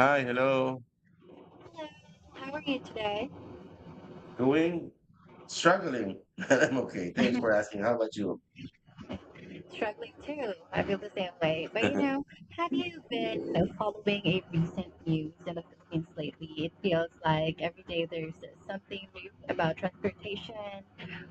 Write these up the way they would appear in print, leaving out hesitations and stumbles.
Hi, hello. Hello, how are you today? Going, Struggling, but I'm okay. Thanks for asking. How about you? Struggling too. I feel the same way. But have you been following a recent news in the Philippines lately? It feels like every day there's something new about transportation,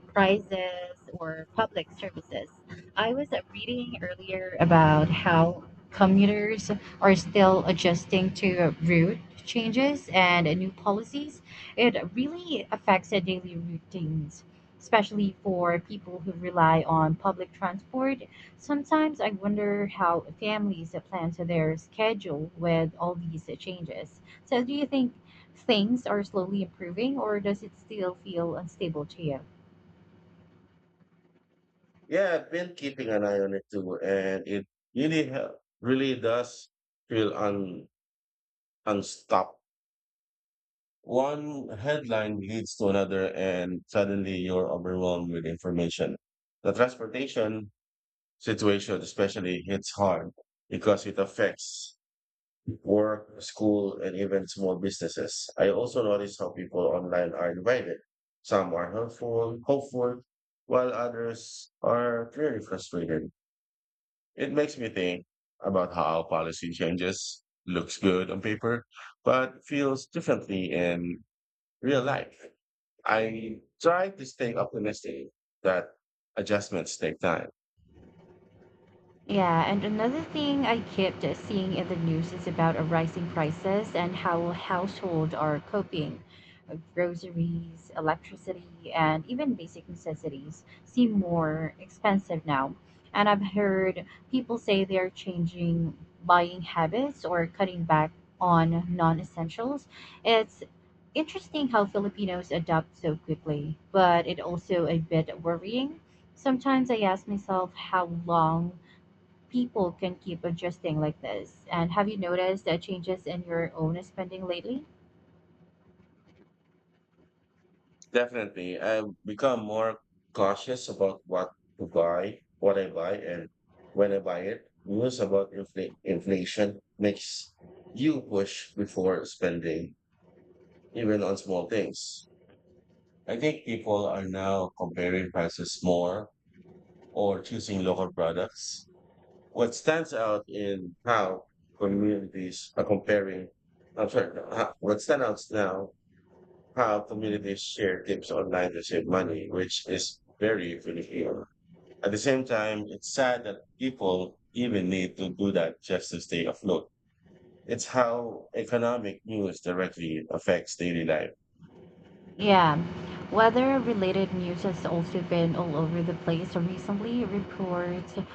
prizes or public services. I was reading earlier about how commuters are still adjusting to route changes and new policies. It really affects their daily routines, especially for people who rely on public transport. Sometimes I wonder how families plan to their schedule with all these changes. So, do you think things are slowly improving, or does it still feel unstable to you? Yeah, I've been keeping an eye on it too, and it really does feel un unstopped. One headline leads to another, and suddenly you're overwhelmed with information. The transportation situation especially hits hard because it affects work, school, and even small businesses. I also notice how people online are divided. Some are helpful, hopeful, while others are clearly frustrated. It makes me think about how policy changes looks good on paper, but feels differently in real life. I try to stay optimistic that adjustments take time. Yeah, and another thing I kept seeing in the news is about a rising prices and how households are coping. Groceries, electricity, and even basic necessities seem more expensive now. And I've heard people say they're changing buying habits or cutting back on non-essentials. It's interesting how Filipinos adapt so quickly, but it also a bit worrying. Sometimes I ask myself how long people can keep adjusting like this? And have you noticed changes in your own spending lately? Definitely. I've become more cautious about what to buy, what I buy, and when I buy it. News about inflation makes you push before spending, even on small things. I think people are now comparing prices more or choosing local products. What stands out in how communities are comparing, I'm sorry, no, what stands out now how communities share tips online to save money, which is very Filipino. At the same time, it's sad that people even need to do that just to stay afloat. It's how economic news directly affects daily life. Yeah, weather-related news has also been all over the place recently.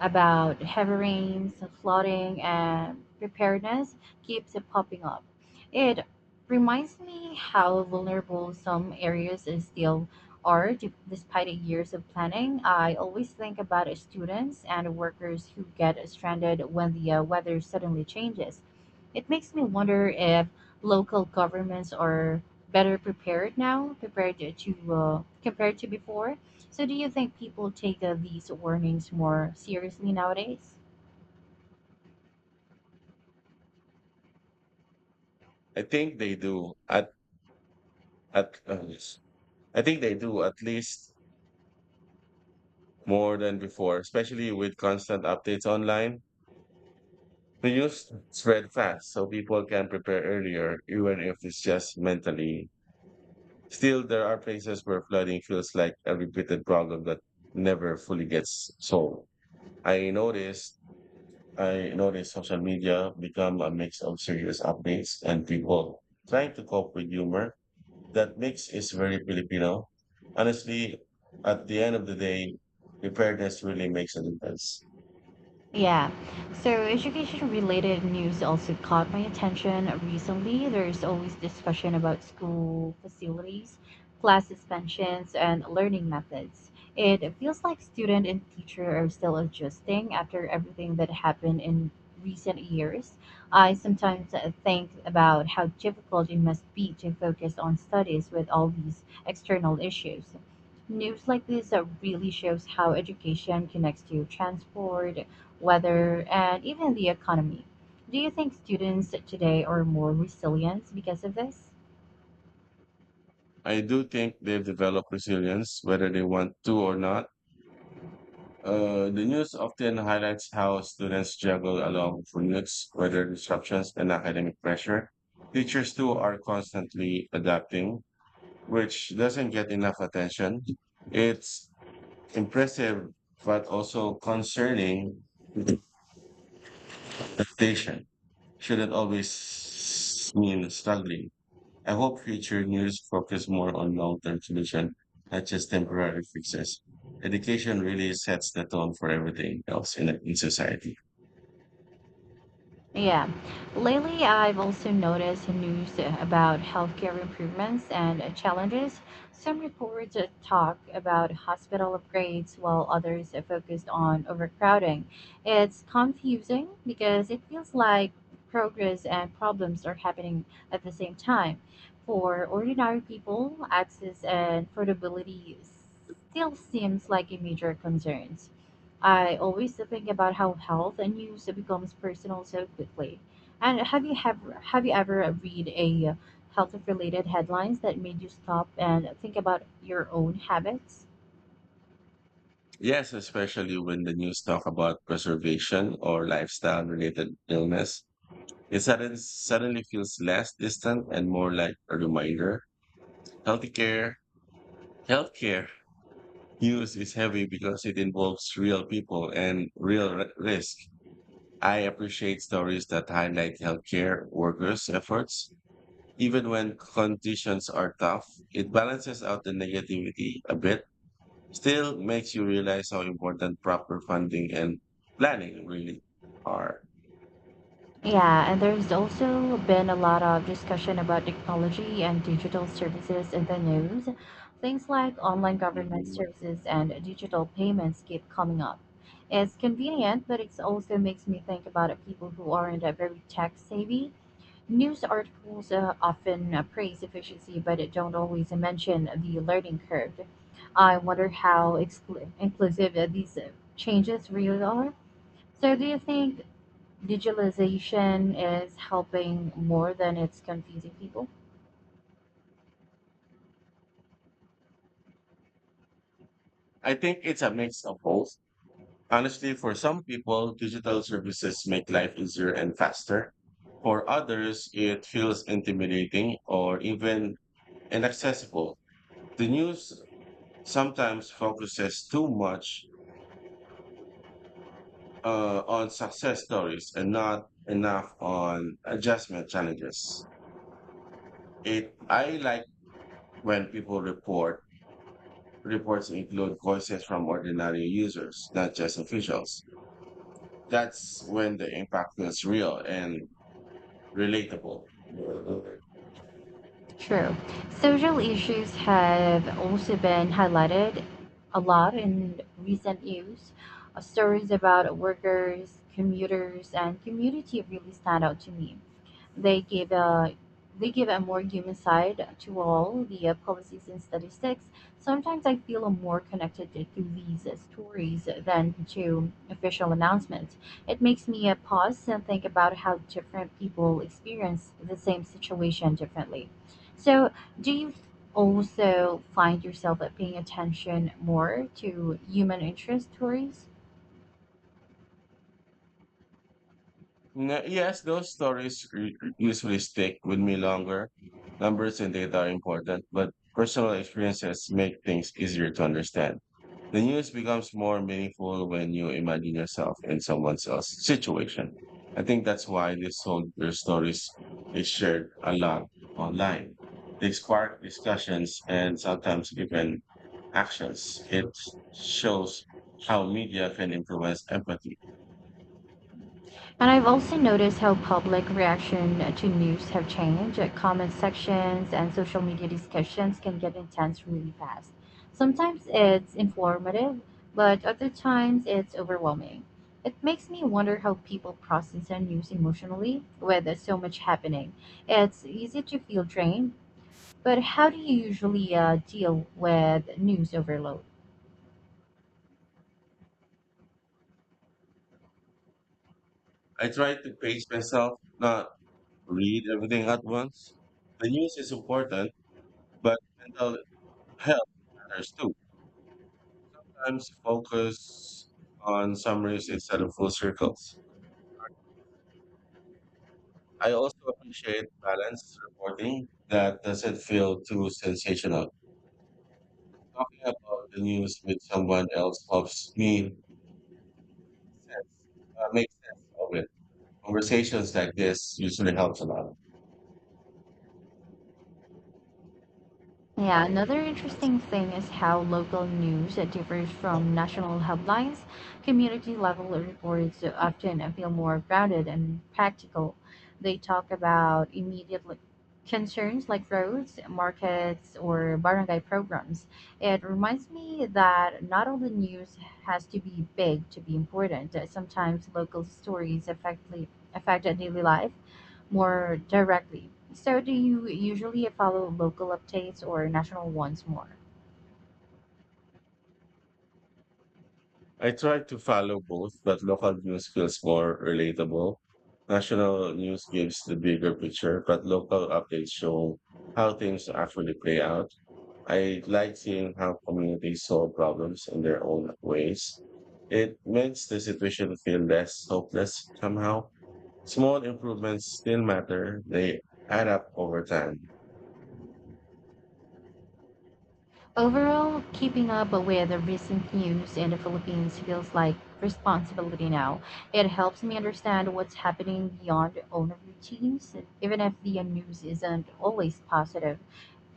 About heavy rains, flooding, and preparedness keeps popping up. It reminds me how vulnerable some areas is still despite years of planning. I always think about students and workers who get stranded when the weather suddenly changes. It makes me wonder if local governments are better prepared now compared to before. So do you think people take these warnings more seriously nowadays? I think they do at yes. I think they do at least more than before, especially with constant updates online. The news spread fast, so people can prepare earlier, even if it's just mentally. Still, there are places where flooding feels like a repeated problem that never fully gets solved. I noticed, I noticed social media become a mix of serious updates and people trying to cope with humor. That mix is very Filipino. Honestly, at the end of the day, preparedness really makes a difference. Yeah. So education related news also caught my attention recently. There's always discussion about school facilities, class suspensions, and learning methods. It feels like student and teacher are still adjusting after everything that happened in recent years. I sometimes think about how difficult it must be to focus on studies with all these external issues. News like this really shows how education connects to transport, weather, and even the economy. Do you think students today are more resilient because of this? I do think they've developed resilience, whether they want to or not. The news often highlights how students juggle along commutes, weather disruptions, and academic pressure. Teachers too are constantly adapting, which doesn't get enough attention. It's impressive, but also concerning. Adaptation shouldn't always mean struggling. I hope future news focus more on long-term solution, not just temporary fixes. Education really sets the tone for everything else in society. Yeah. Lately, I've also noticed news about healthcare improvements and challenges. Some reports talk about hospital upgrades, while others are focused on overcrowding. It's confusing because it feels like progress and problems are happening at the same time. For ordinary people, access and affordability still seems like a major concern. I always think about how health and news becomes personal so quickly. And have you ever read a health related headlines that made you stop and think about your own habits? Yes, especially when the news talk about preservation or lifestyle related illness, it suddenly feels less distant and more like a reminder. Healthcare, healthcare news is heavy because it involves real people and real risk. I appreciate stories that highlight healthcare workers' efforts. Even when conditions are tough, it balances out the negativity a bit. Still makes you realize how important proper funding and planning really are. Yeah, and there's also been a lot of discussion about technology and digital services in the news. Things like online government Mhm. services and digital payments keep coming up. It's convenient, but it also makes me think about people who aren't very tech savvy. News articles often praise efficiency but it don't always mention the learning curve. I wonder how inclusive these changes really are. So, do you think digitalization is helping more than it's confusing people? I think it's a mix of both. Honestly, for some people, digital services make life easier and faster. For others, it feels intimidating or even inaccessible. The news sometimes focuses too much on success stories and not enough on adjustment challenges. It I like when people report. Reports include voices from ordinary users, not just officials. That's when the impact feels real and relatable. True. Social issues have also been highlighted a lot in recent news. Stories about workers, commuters, and community really stand out to me. They give a they give a more human side to all the policies and statistics. Sometimes I feel more connected to these stories than to official announcements. It makes me pause and think about how different people experience the same situation differently. So, do you also find yourself paying attention more to human interest stories? Yes, those stories usually stick with me longer. Numbers and data are important, but personal experiences make things easier to understand. The news becomes more meaningful when you imagine yourself in someone else's situation. I think that's why these soldier stories is shared a lot online. They spark discussions and sometimes even actions. It shows how media can influence empathy. And I've also noticed how public reaction to news have changed. Comment sections and social media discussions can get intense really fast. Sometimes it's informative, but other times it's overwhelming. It makes me wonder how people process their news emotionally with so much happening. It's easy to feel drained, but how do you usually deal with news overload? I try to pace myself, not read everything at once. The news is important, but mental health matters too. Sometimes focus on summaries instead of full circles. I also appreciate balanced reporting that doesn't feel too sensational. Talking about the news with someone else helps me make sense of it. Conversations like this usually helps a Yeah, lot. another interesting thing is how local news differs from national headlines. Community level reports often feel more grounded and practical. They talk about concerns like roads, markets, or barangay programs. It reminds me that not all the news has to be big to be important. Sometimes local stories affect daily life more directly. So, do you usually follow local updates or national ones more? I try to follow both, but local news feels more relatable. National news gives the bigger picture, but local updates show how things actually play out. I like seeing how communities solve problems in their own ways. It makes the situation feel less hopeless somehow. Small improvements still matter. They add up over time. Overall, keeping up with the recent news in the Philippines feels like responsibility now. It helps me understand what's happening beyond own routines, even if the news isn't always positive.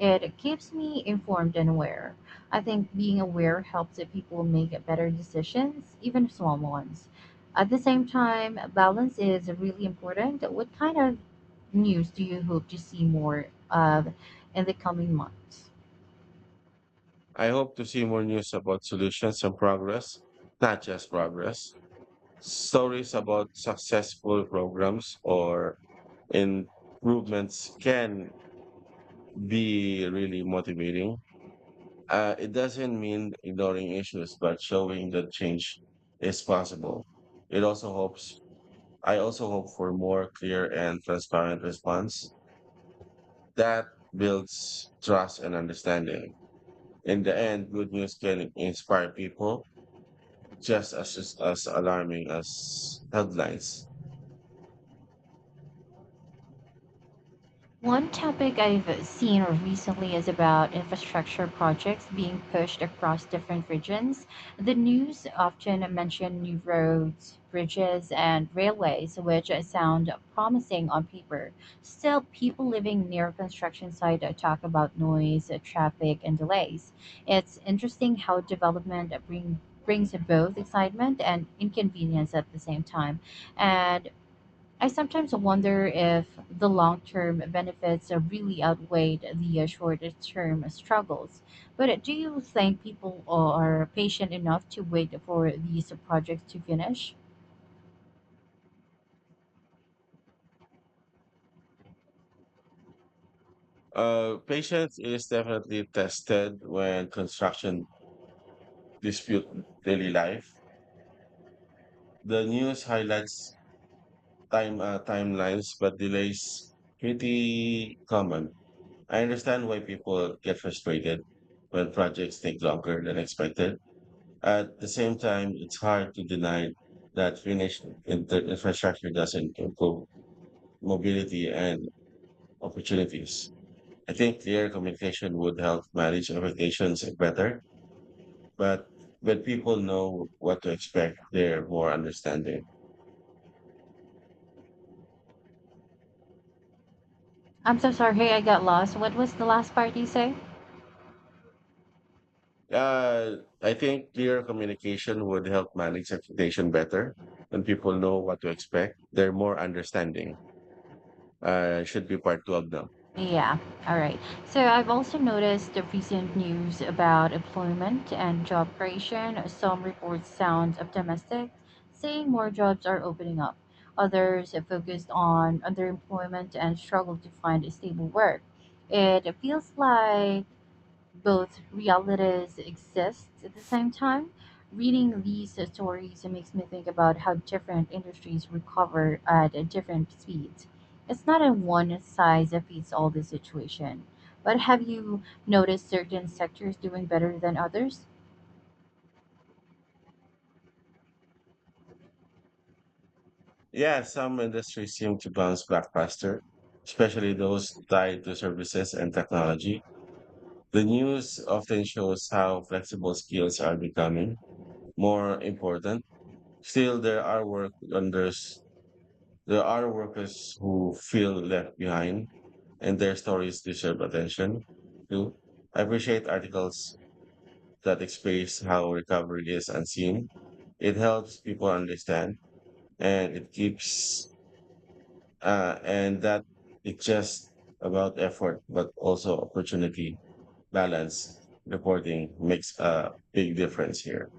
It keeps me informed and aware. I think being aware helps the people make better decisions, even small ones. At the same time, balance is really important. What kind of news do you hope to see more of in the coming months? I hope to see more news about solutions and progress, not just progress. Stories about successful programs or improvements can be really motivating. It doesn't mean ignoring issues, but showing that change is possible. It also hopes, I also hope for more clear and transparent response that builds trust and understanding. In the end, good news can inspire people just as alarming as headlines. One topic I've seen recently is about infrastructure projects being pushed across different regions. The news often mention new roads, bridges, and railways, which sound promising on paper. Still, people living near construction site talk about noise, traffic, and delays. It's interesting how brings both excitement and inconvenience at the same time. And I sometimes wonder if the long term benefits really outweighed the short term struggles. But do you think people are patient enough to wait for these projects to finish? Patience is definitely tested when construction dispute daily life. The news highlights timelines, but delays pretty common. I understand why people get frustrated when projects take longer than expected. At the same time, it's hard to deny that finished infrastructure doesn't improve mobility and opportunities. I think clear communication would help manage expectations better, but but people know what to expect. They're more understanding. I'm so sorry, hey, I got lost. What was the last part you say? I think clear communication would help manage expectation better. When people know what to expect, they're more understanding. Should be part two of them. Yeah, all right. So I've also noticed the recent news about employment and job creation. Some reports sound optimistic, saying more jobs are opening up. Others have focused on underemployment and struggle to find stable work. It feels like both realities exist at the same time. Reading these stories makes me think about how different industries recover at different speeds. It's not a one size fits all the situation. But have you noticed certain sectors doing better than others? Yeah, some industries seem to bounce back faster, especially those tied to services and technology. The news often shows how flexible skills are becoming more important. Still, there are workers who feel left behind, and their stories deserve attention. Two, I appreciate articles that express how recovery is unseen. It helps people understand, and it keeps and that it's just about effort, but also opportunity, balance, reporting makes a big difference here.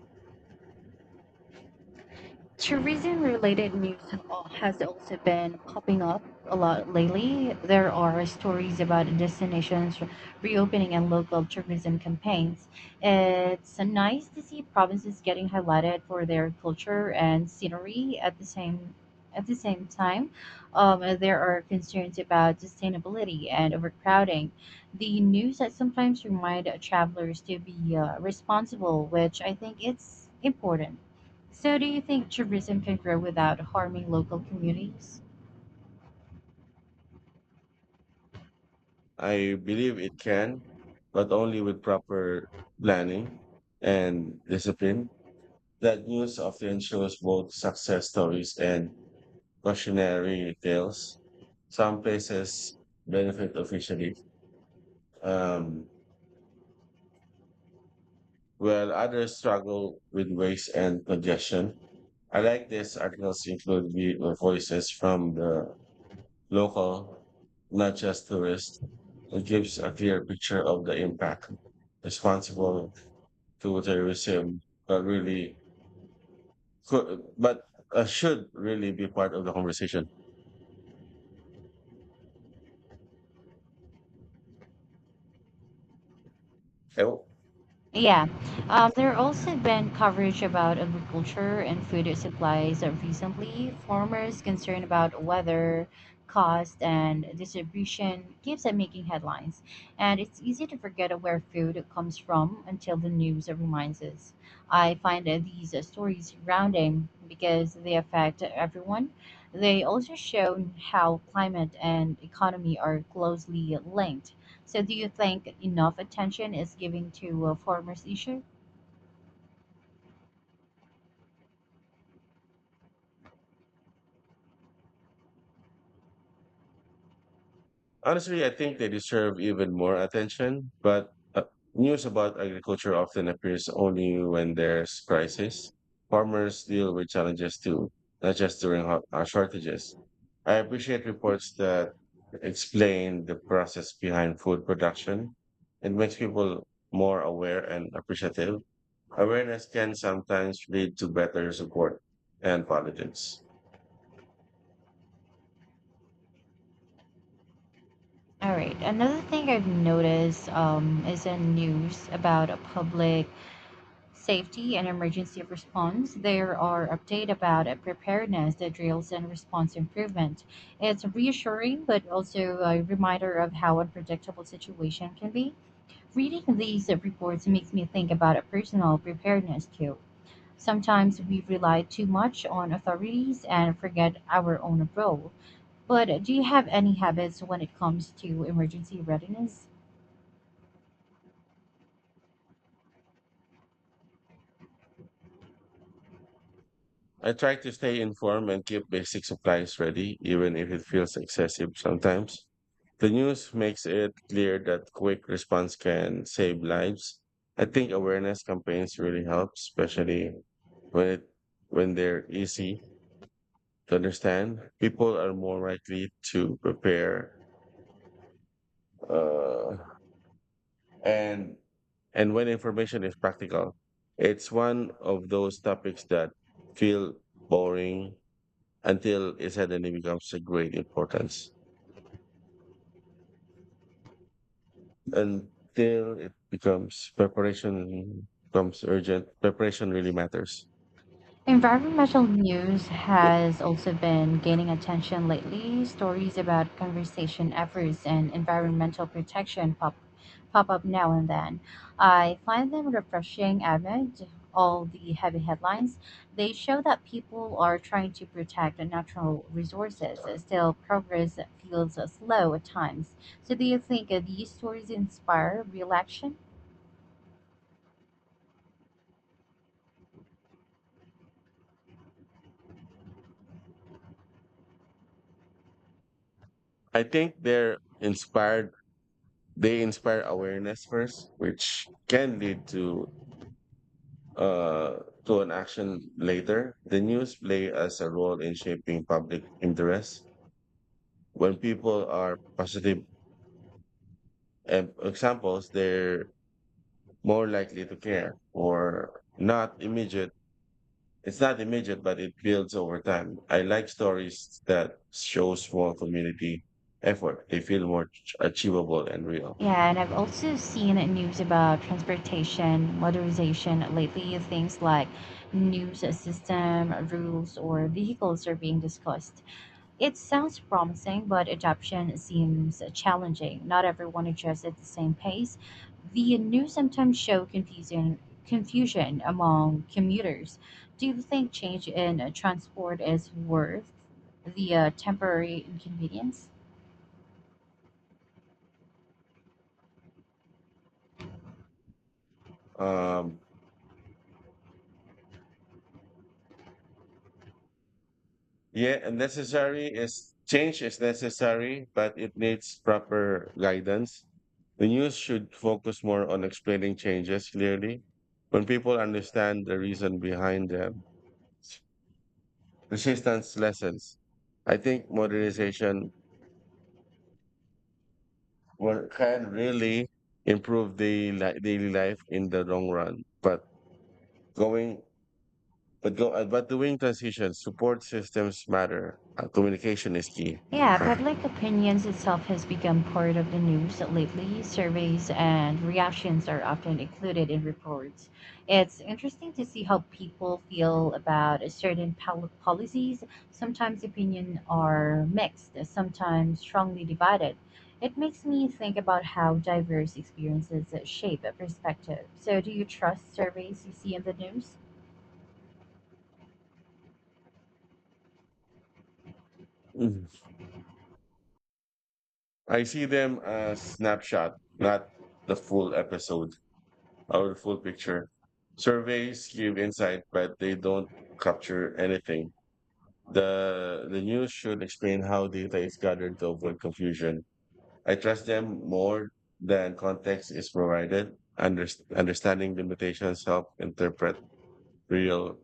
Mm. Tourism related news has also been popping up a lot lately. There are stories about destinations reopening and local tourism campaigns. It's nice to see provinces getting highlighted for their culture and scenery at the same time, there are concerns about sustainability and overcrowding. The news that sometimes remind travelers to be responsible, which I think it's important. So, do you think tourism can grow without harming local communities? I believe it can, but only with proper planning and discipline. That news often shows both success stories and cautionary tales. Some places benefit officially, um, while others struggle with waste and congestion. I like this articles include voices from the local, not just tourists. It gives a clear picture of the impact responsible to terrorism, but really could, but should really be part of the conversation. Eh, Yeah. There also been coverage about agriculture and food supplies recently. Farmers' concern about weather, cost, and distribution keeps on making headlines. And it's easy to forget where food comes from until the news reminds us. I find that these stories grounding because they affect everyone. They also show how climate and economy are closely linked. So, do you think enough attention is given to farmers' issue? Honestly, I think they deserve even more attention, but news about agriculture often appears only when there's crisis. Farmers deal with challenges too, not just during shortages. I appreciate reports that explain the process behind food production. It makes people more aware and appreciative. Awareness can sometimes lead to better support and politics. All right. Another thing I've noticed is in news about a public safety and emergency response. There are updates about a preparedness, the drills, and response improvement. It's reassuring, but also a reminder of how unpredictable situation can be. Reading these reports makes me think about a personal preparedness too. Sometimes we rely too much on authorities and forget our own role. But do you have any habits when it comes to emergency readiness? I try to stay informed and keep basic supplies ready, even if it feels excessive sometimes. The news makes it clear that quick response can save lives. I think awareness campaigns really help, especially when it, when they're easy to understand. People are more likely to prepare, uh, and and when information is practical, it's one of those topics that feel boring until it suddenly becomes a great importance. Until it becomes Preparation becomes urgent. Preparation really matters. Environmental news Yep. has also been gaining attention lately. Stories about conservation efforts and environmental protection pop up now and then. I find them refreshing amid all the heavy headlines. They show that people are trying to protect the natural resources. Still, progress feels slow at times. So, do you think these stories inspire real action? I think they're inspired. They inspire awareness first, which can lead uh to an action later. The news play as a role in shaping public interest. When people are positive examples, they're more likely to care or not immediate. It's not immediate, but it builds over time. I like stories that show small community effort. They feel more achievable and real. Yeah, and I've also seen news about transportation modernization lately. Things like new system rules or vehicles are being discussed. It sounds promising, but adoption seems challenging. Not everyone adjusts at the same pace. The news sometimes show confusion among commuters. Do you think change in transport is worth the temporary inconvenience? Um, yeah, and necessary is change is necessary, but it needs proper guidance. The news should focus more on explaining changes clearly. When people understand the reason behind them, resistance lessens. I think modernization Will can really improve the daily life in the long run. Going, but but doing transitions, support systems matter. Communication is key. Yeah, public opinions itself has become part of the news lately. Surveys and reactions are often included in reports. It's interesting to see how people feel about a certain policies. Sometimes opinion are mixed, sometimes strongly divided. It makes me think about how diverse experiences shape a perspective. So, do you trust surveys you see in the news? Mm. I see them as snapshot, not the full episode the full picture. Surveys give insight, but they don't capture anything. The news should explain how data is gathered to avoid confusion. I trust them more than context is provided. Understanding limitations help interpret real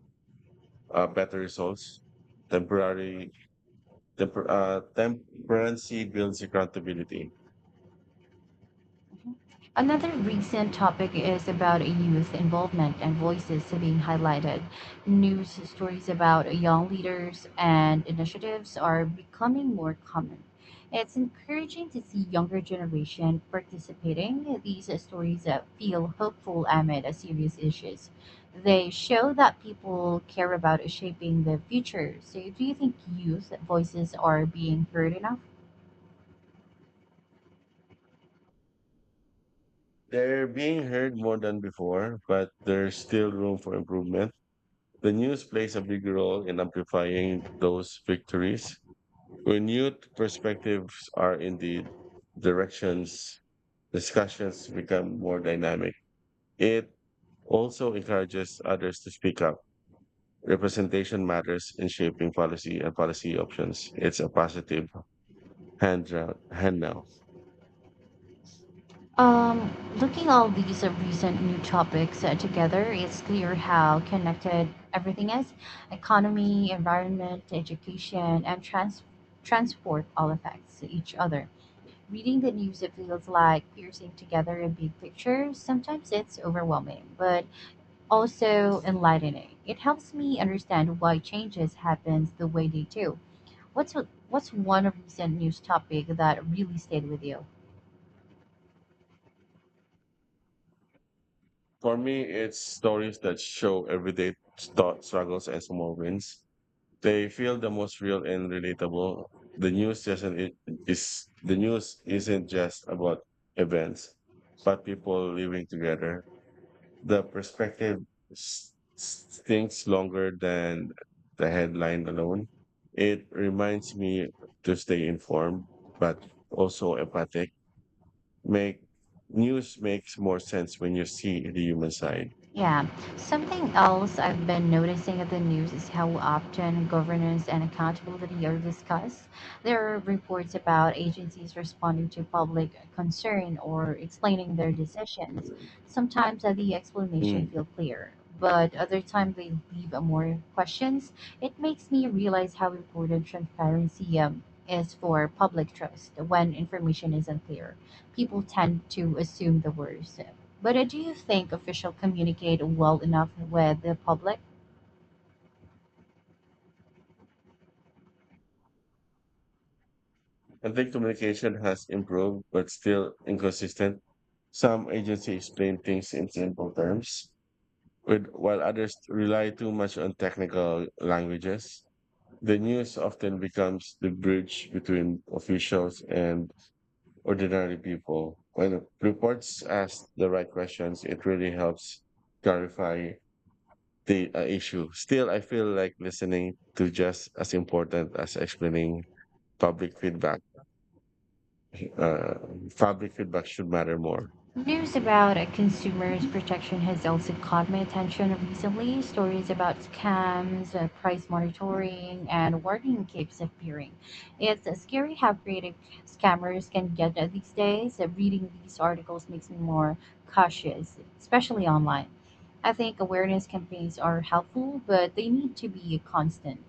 better results. Temporary Temperancy builds accountability. Another recent topic is about youth involvement and voices being highlighted. News stories about young leaders and initiatives are becoming more common. It's encouraging to see younger generation participating. These stories that feel hopeful amid serious issues. They show that people care about shaping the future. So, do you think youth voices are being heard enough? They're being heard more than before, but there's still room for improvement. The news plays a big role in amplifying those victories. When Renewed perspectives are in the directions, discussions become more dynamic. It also encourages others to speak up. Representation matters in shaping policy and policy options. It's a positive hand, hand now. Um, looking all these recent new topics together, it's clear how connected everything is. Economy, environment, education, and transport all affects each other. Reading the news, it feels like piercing together a big picture. Sometimes it's overwhelming, but also enlightening. It helps me understand why changes happens the way they do. What's what's one recent news topic that really stayed with you? For me, it's stories that show everyday struggles and small wins. They feel the most real and relatable. The news doesn't it is The news isn't just about events, but people living together. The perspective stinks longer than the headline alone. It reminds me to stay informed, but also empathic. Make News makes more sense when you see the human side. Yeah. Something else I've been noticing at the news is how often governance and accountability are discussed. There are reports about agencies responding to public concern or explaining their decisions. Sometimes the explanation Mm. feel clear, but other times they leave more questions. It makes me realize how important transparency is for public trust. When information isn't clear, people tend to assume the worst. But do you think officials communicate well enough with the public? I think communication has improved, but still inconsistent. Some agencies explain things in simple terms, while others rely too much on technical languages. The news often becomes the bridge between officials and ordinary people. When reports ask the right questions, it really helps clarify the issue. Still, I feel like listening to just as important as explaining public feedback. uh, Probably feedback should matter more. News about consumers protection has also caught my attention recently. Stories about scams, price monitoring, and warning keeps appearing. It's scary how creative scammers can get these days. Reading these articles makes me more cautious, especially online. I think awareness campaigns are helpful, but they need to be constant.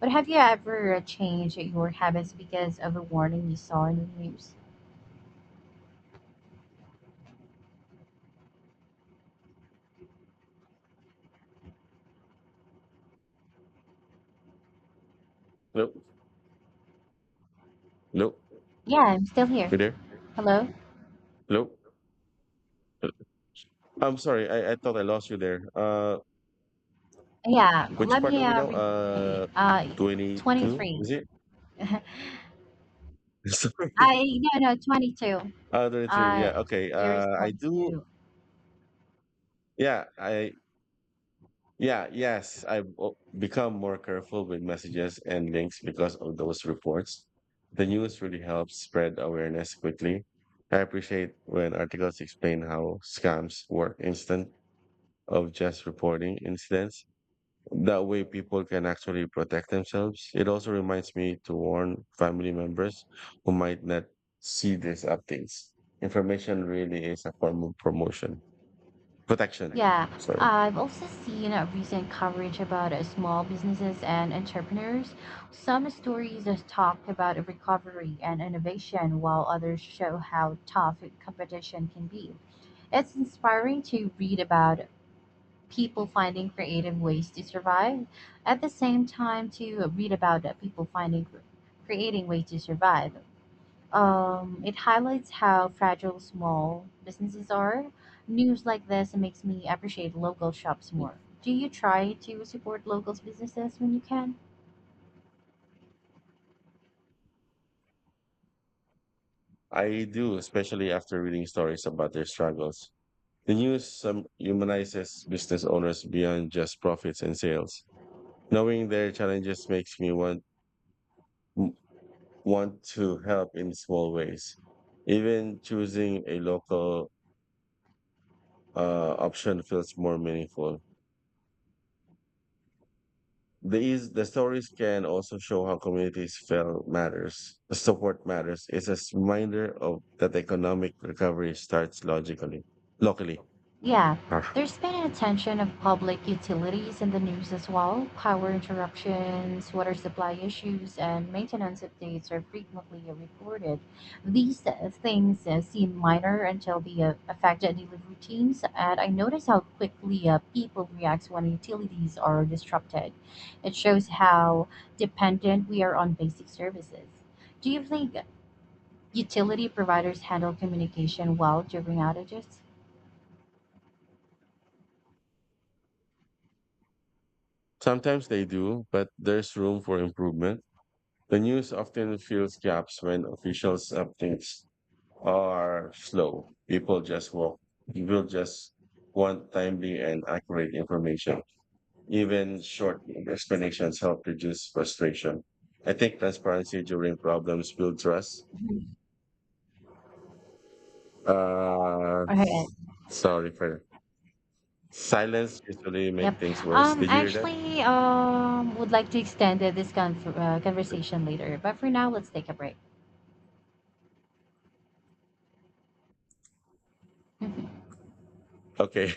But have you ever changed your habits because of a warning you saw in the news? Nope. Nope. Yeah, I'm still here. You there? Hello? Nope. I'm sorry. I thought I lost you there. Yeah, Which let part are me we now? 22, 23. is it? I Sorry. no no 22. 23. Uh Yeah. Okay. your I response do. to Yeah. Yeah. Yes. I've become more careful with messages and links because of those reports. The news really helps spread awareness quickly. I appreciate when articles explain how scams work instant of just reporting incidents. That way, people can actually protect themselves. It also reminds me to warn family members who might not see these updates. Information really is a form of protection. Yeah. Sorry. I've also seen a recent coverage about small businesses and entrepreneurs. Some stories talk about recovery and innovation, while others show how tough competition can be. It's inspiring to read about people finding creative ways to survive. At the same time, to read about that people finding creating ways to survive. It highlights how fragile small businesses are. News like this makes me appreciate local shops Mm. more. Do you try to support local businesses when you can? I do, especially after reading stories about their struggles. The news some humanizes business owners beyond just profits and sales. Knowing their challenges makes me want to help in small ways. Even choosing a local option feels more meaningful. The stories can also show how communities feel matters. Support matters. It's a reminder of that economic recovery starts locally. Yeah, Ah. there's been an attention of public utilities in the news as well. Power interruptions, water supply issues, and maintenance updates are frequently reported. These things seem minor until they affect daily routines, and I notice how quickly people react when utilities are disrupted. It shows how dependent we are on basic services. Do you think utility providers handle communication well during outages? Sometimes they do, but there's room for improvement. The news often fills gaps when officials updates are slow. People just walk. People just want timely and accurate information. Even short explanations help reduce frustration. I think transparency during problems builds trust. Mhm. Uh, Okay. Sorry for that. Silence usually make Yep. things worse. Did you hear that? Actually, would like to extend conversation later, but for now, let's take a break. Mm-hmm. Okay.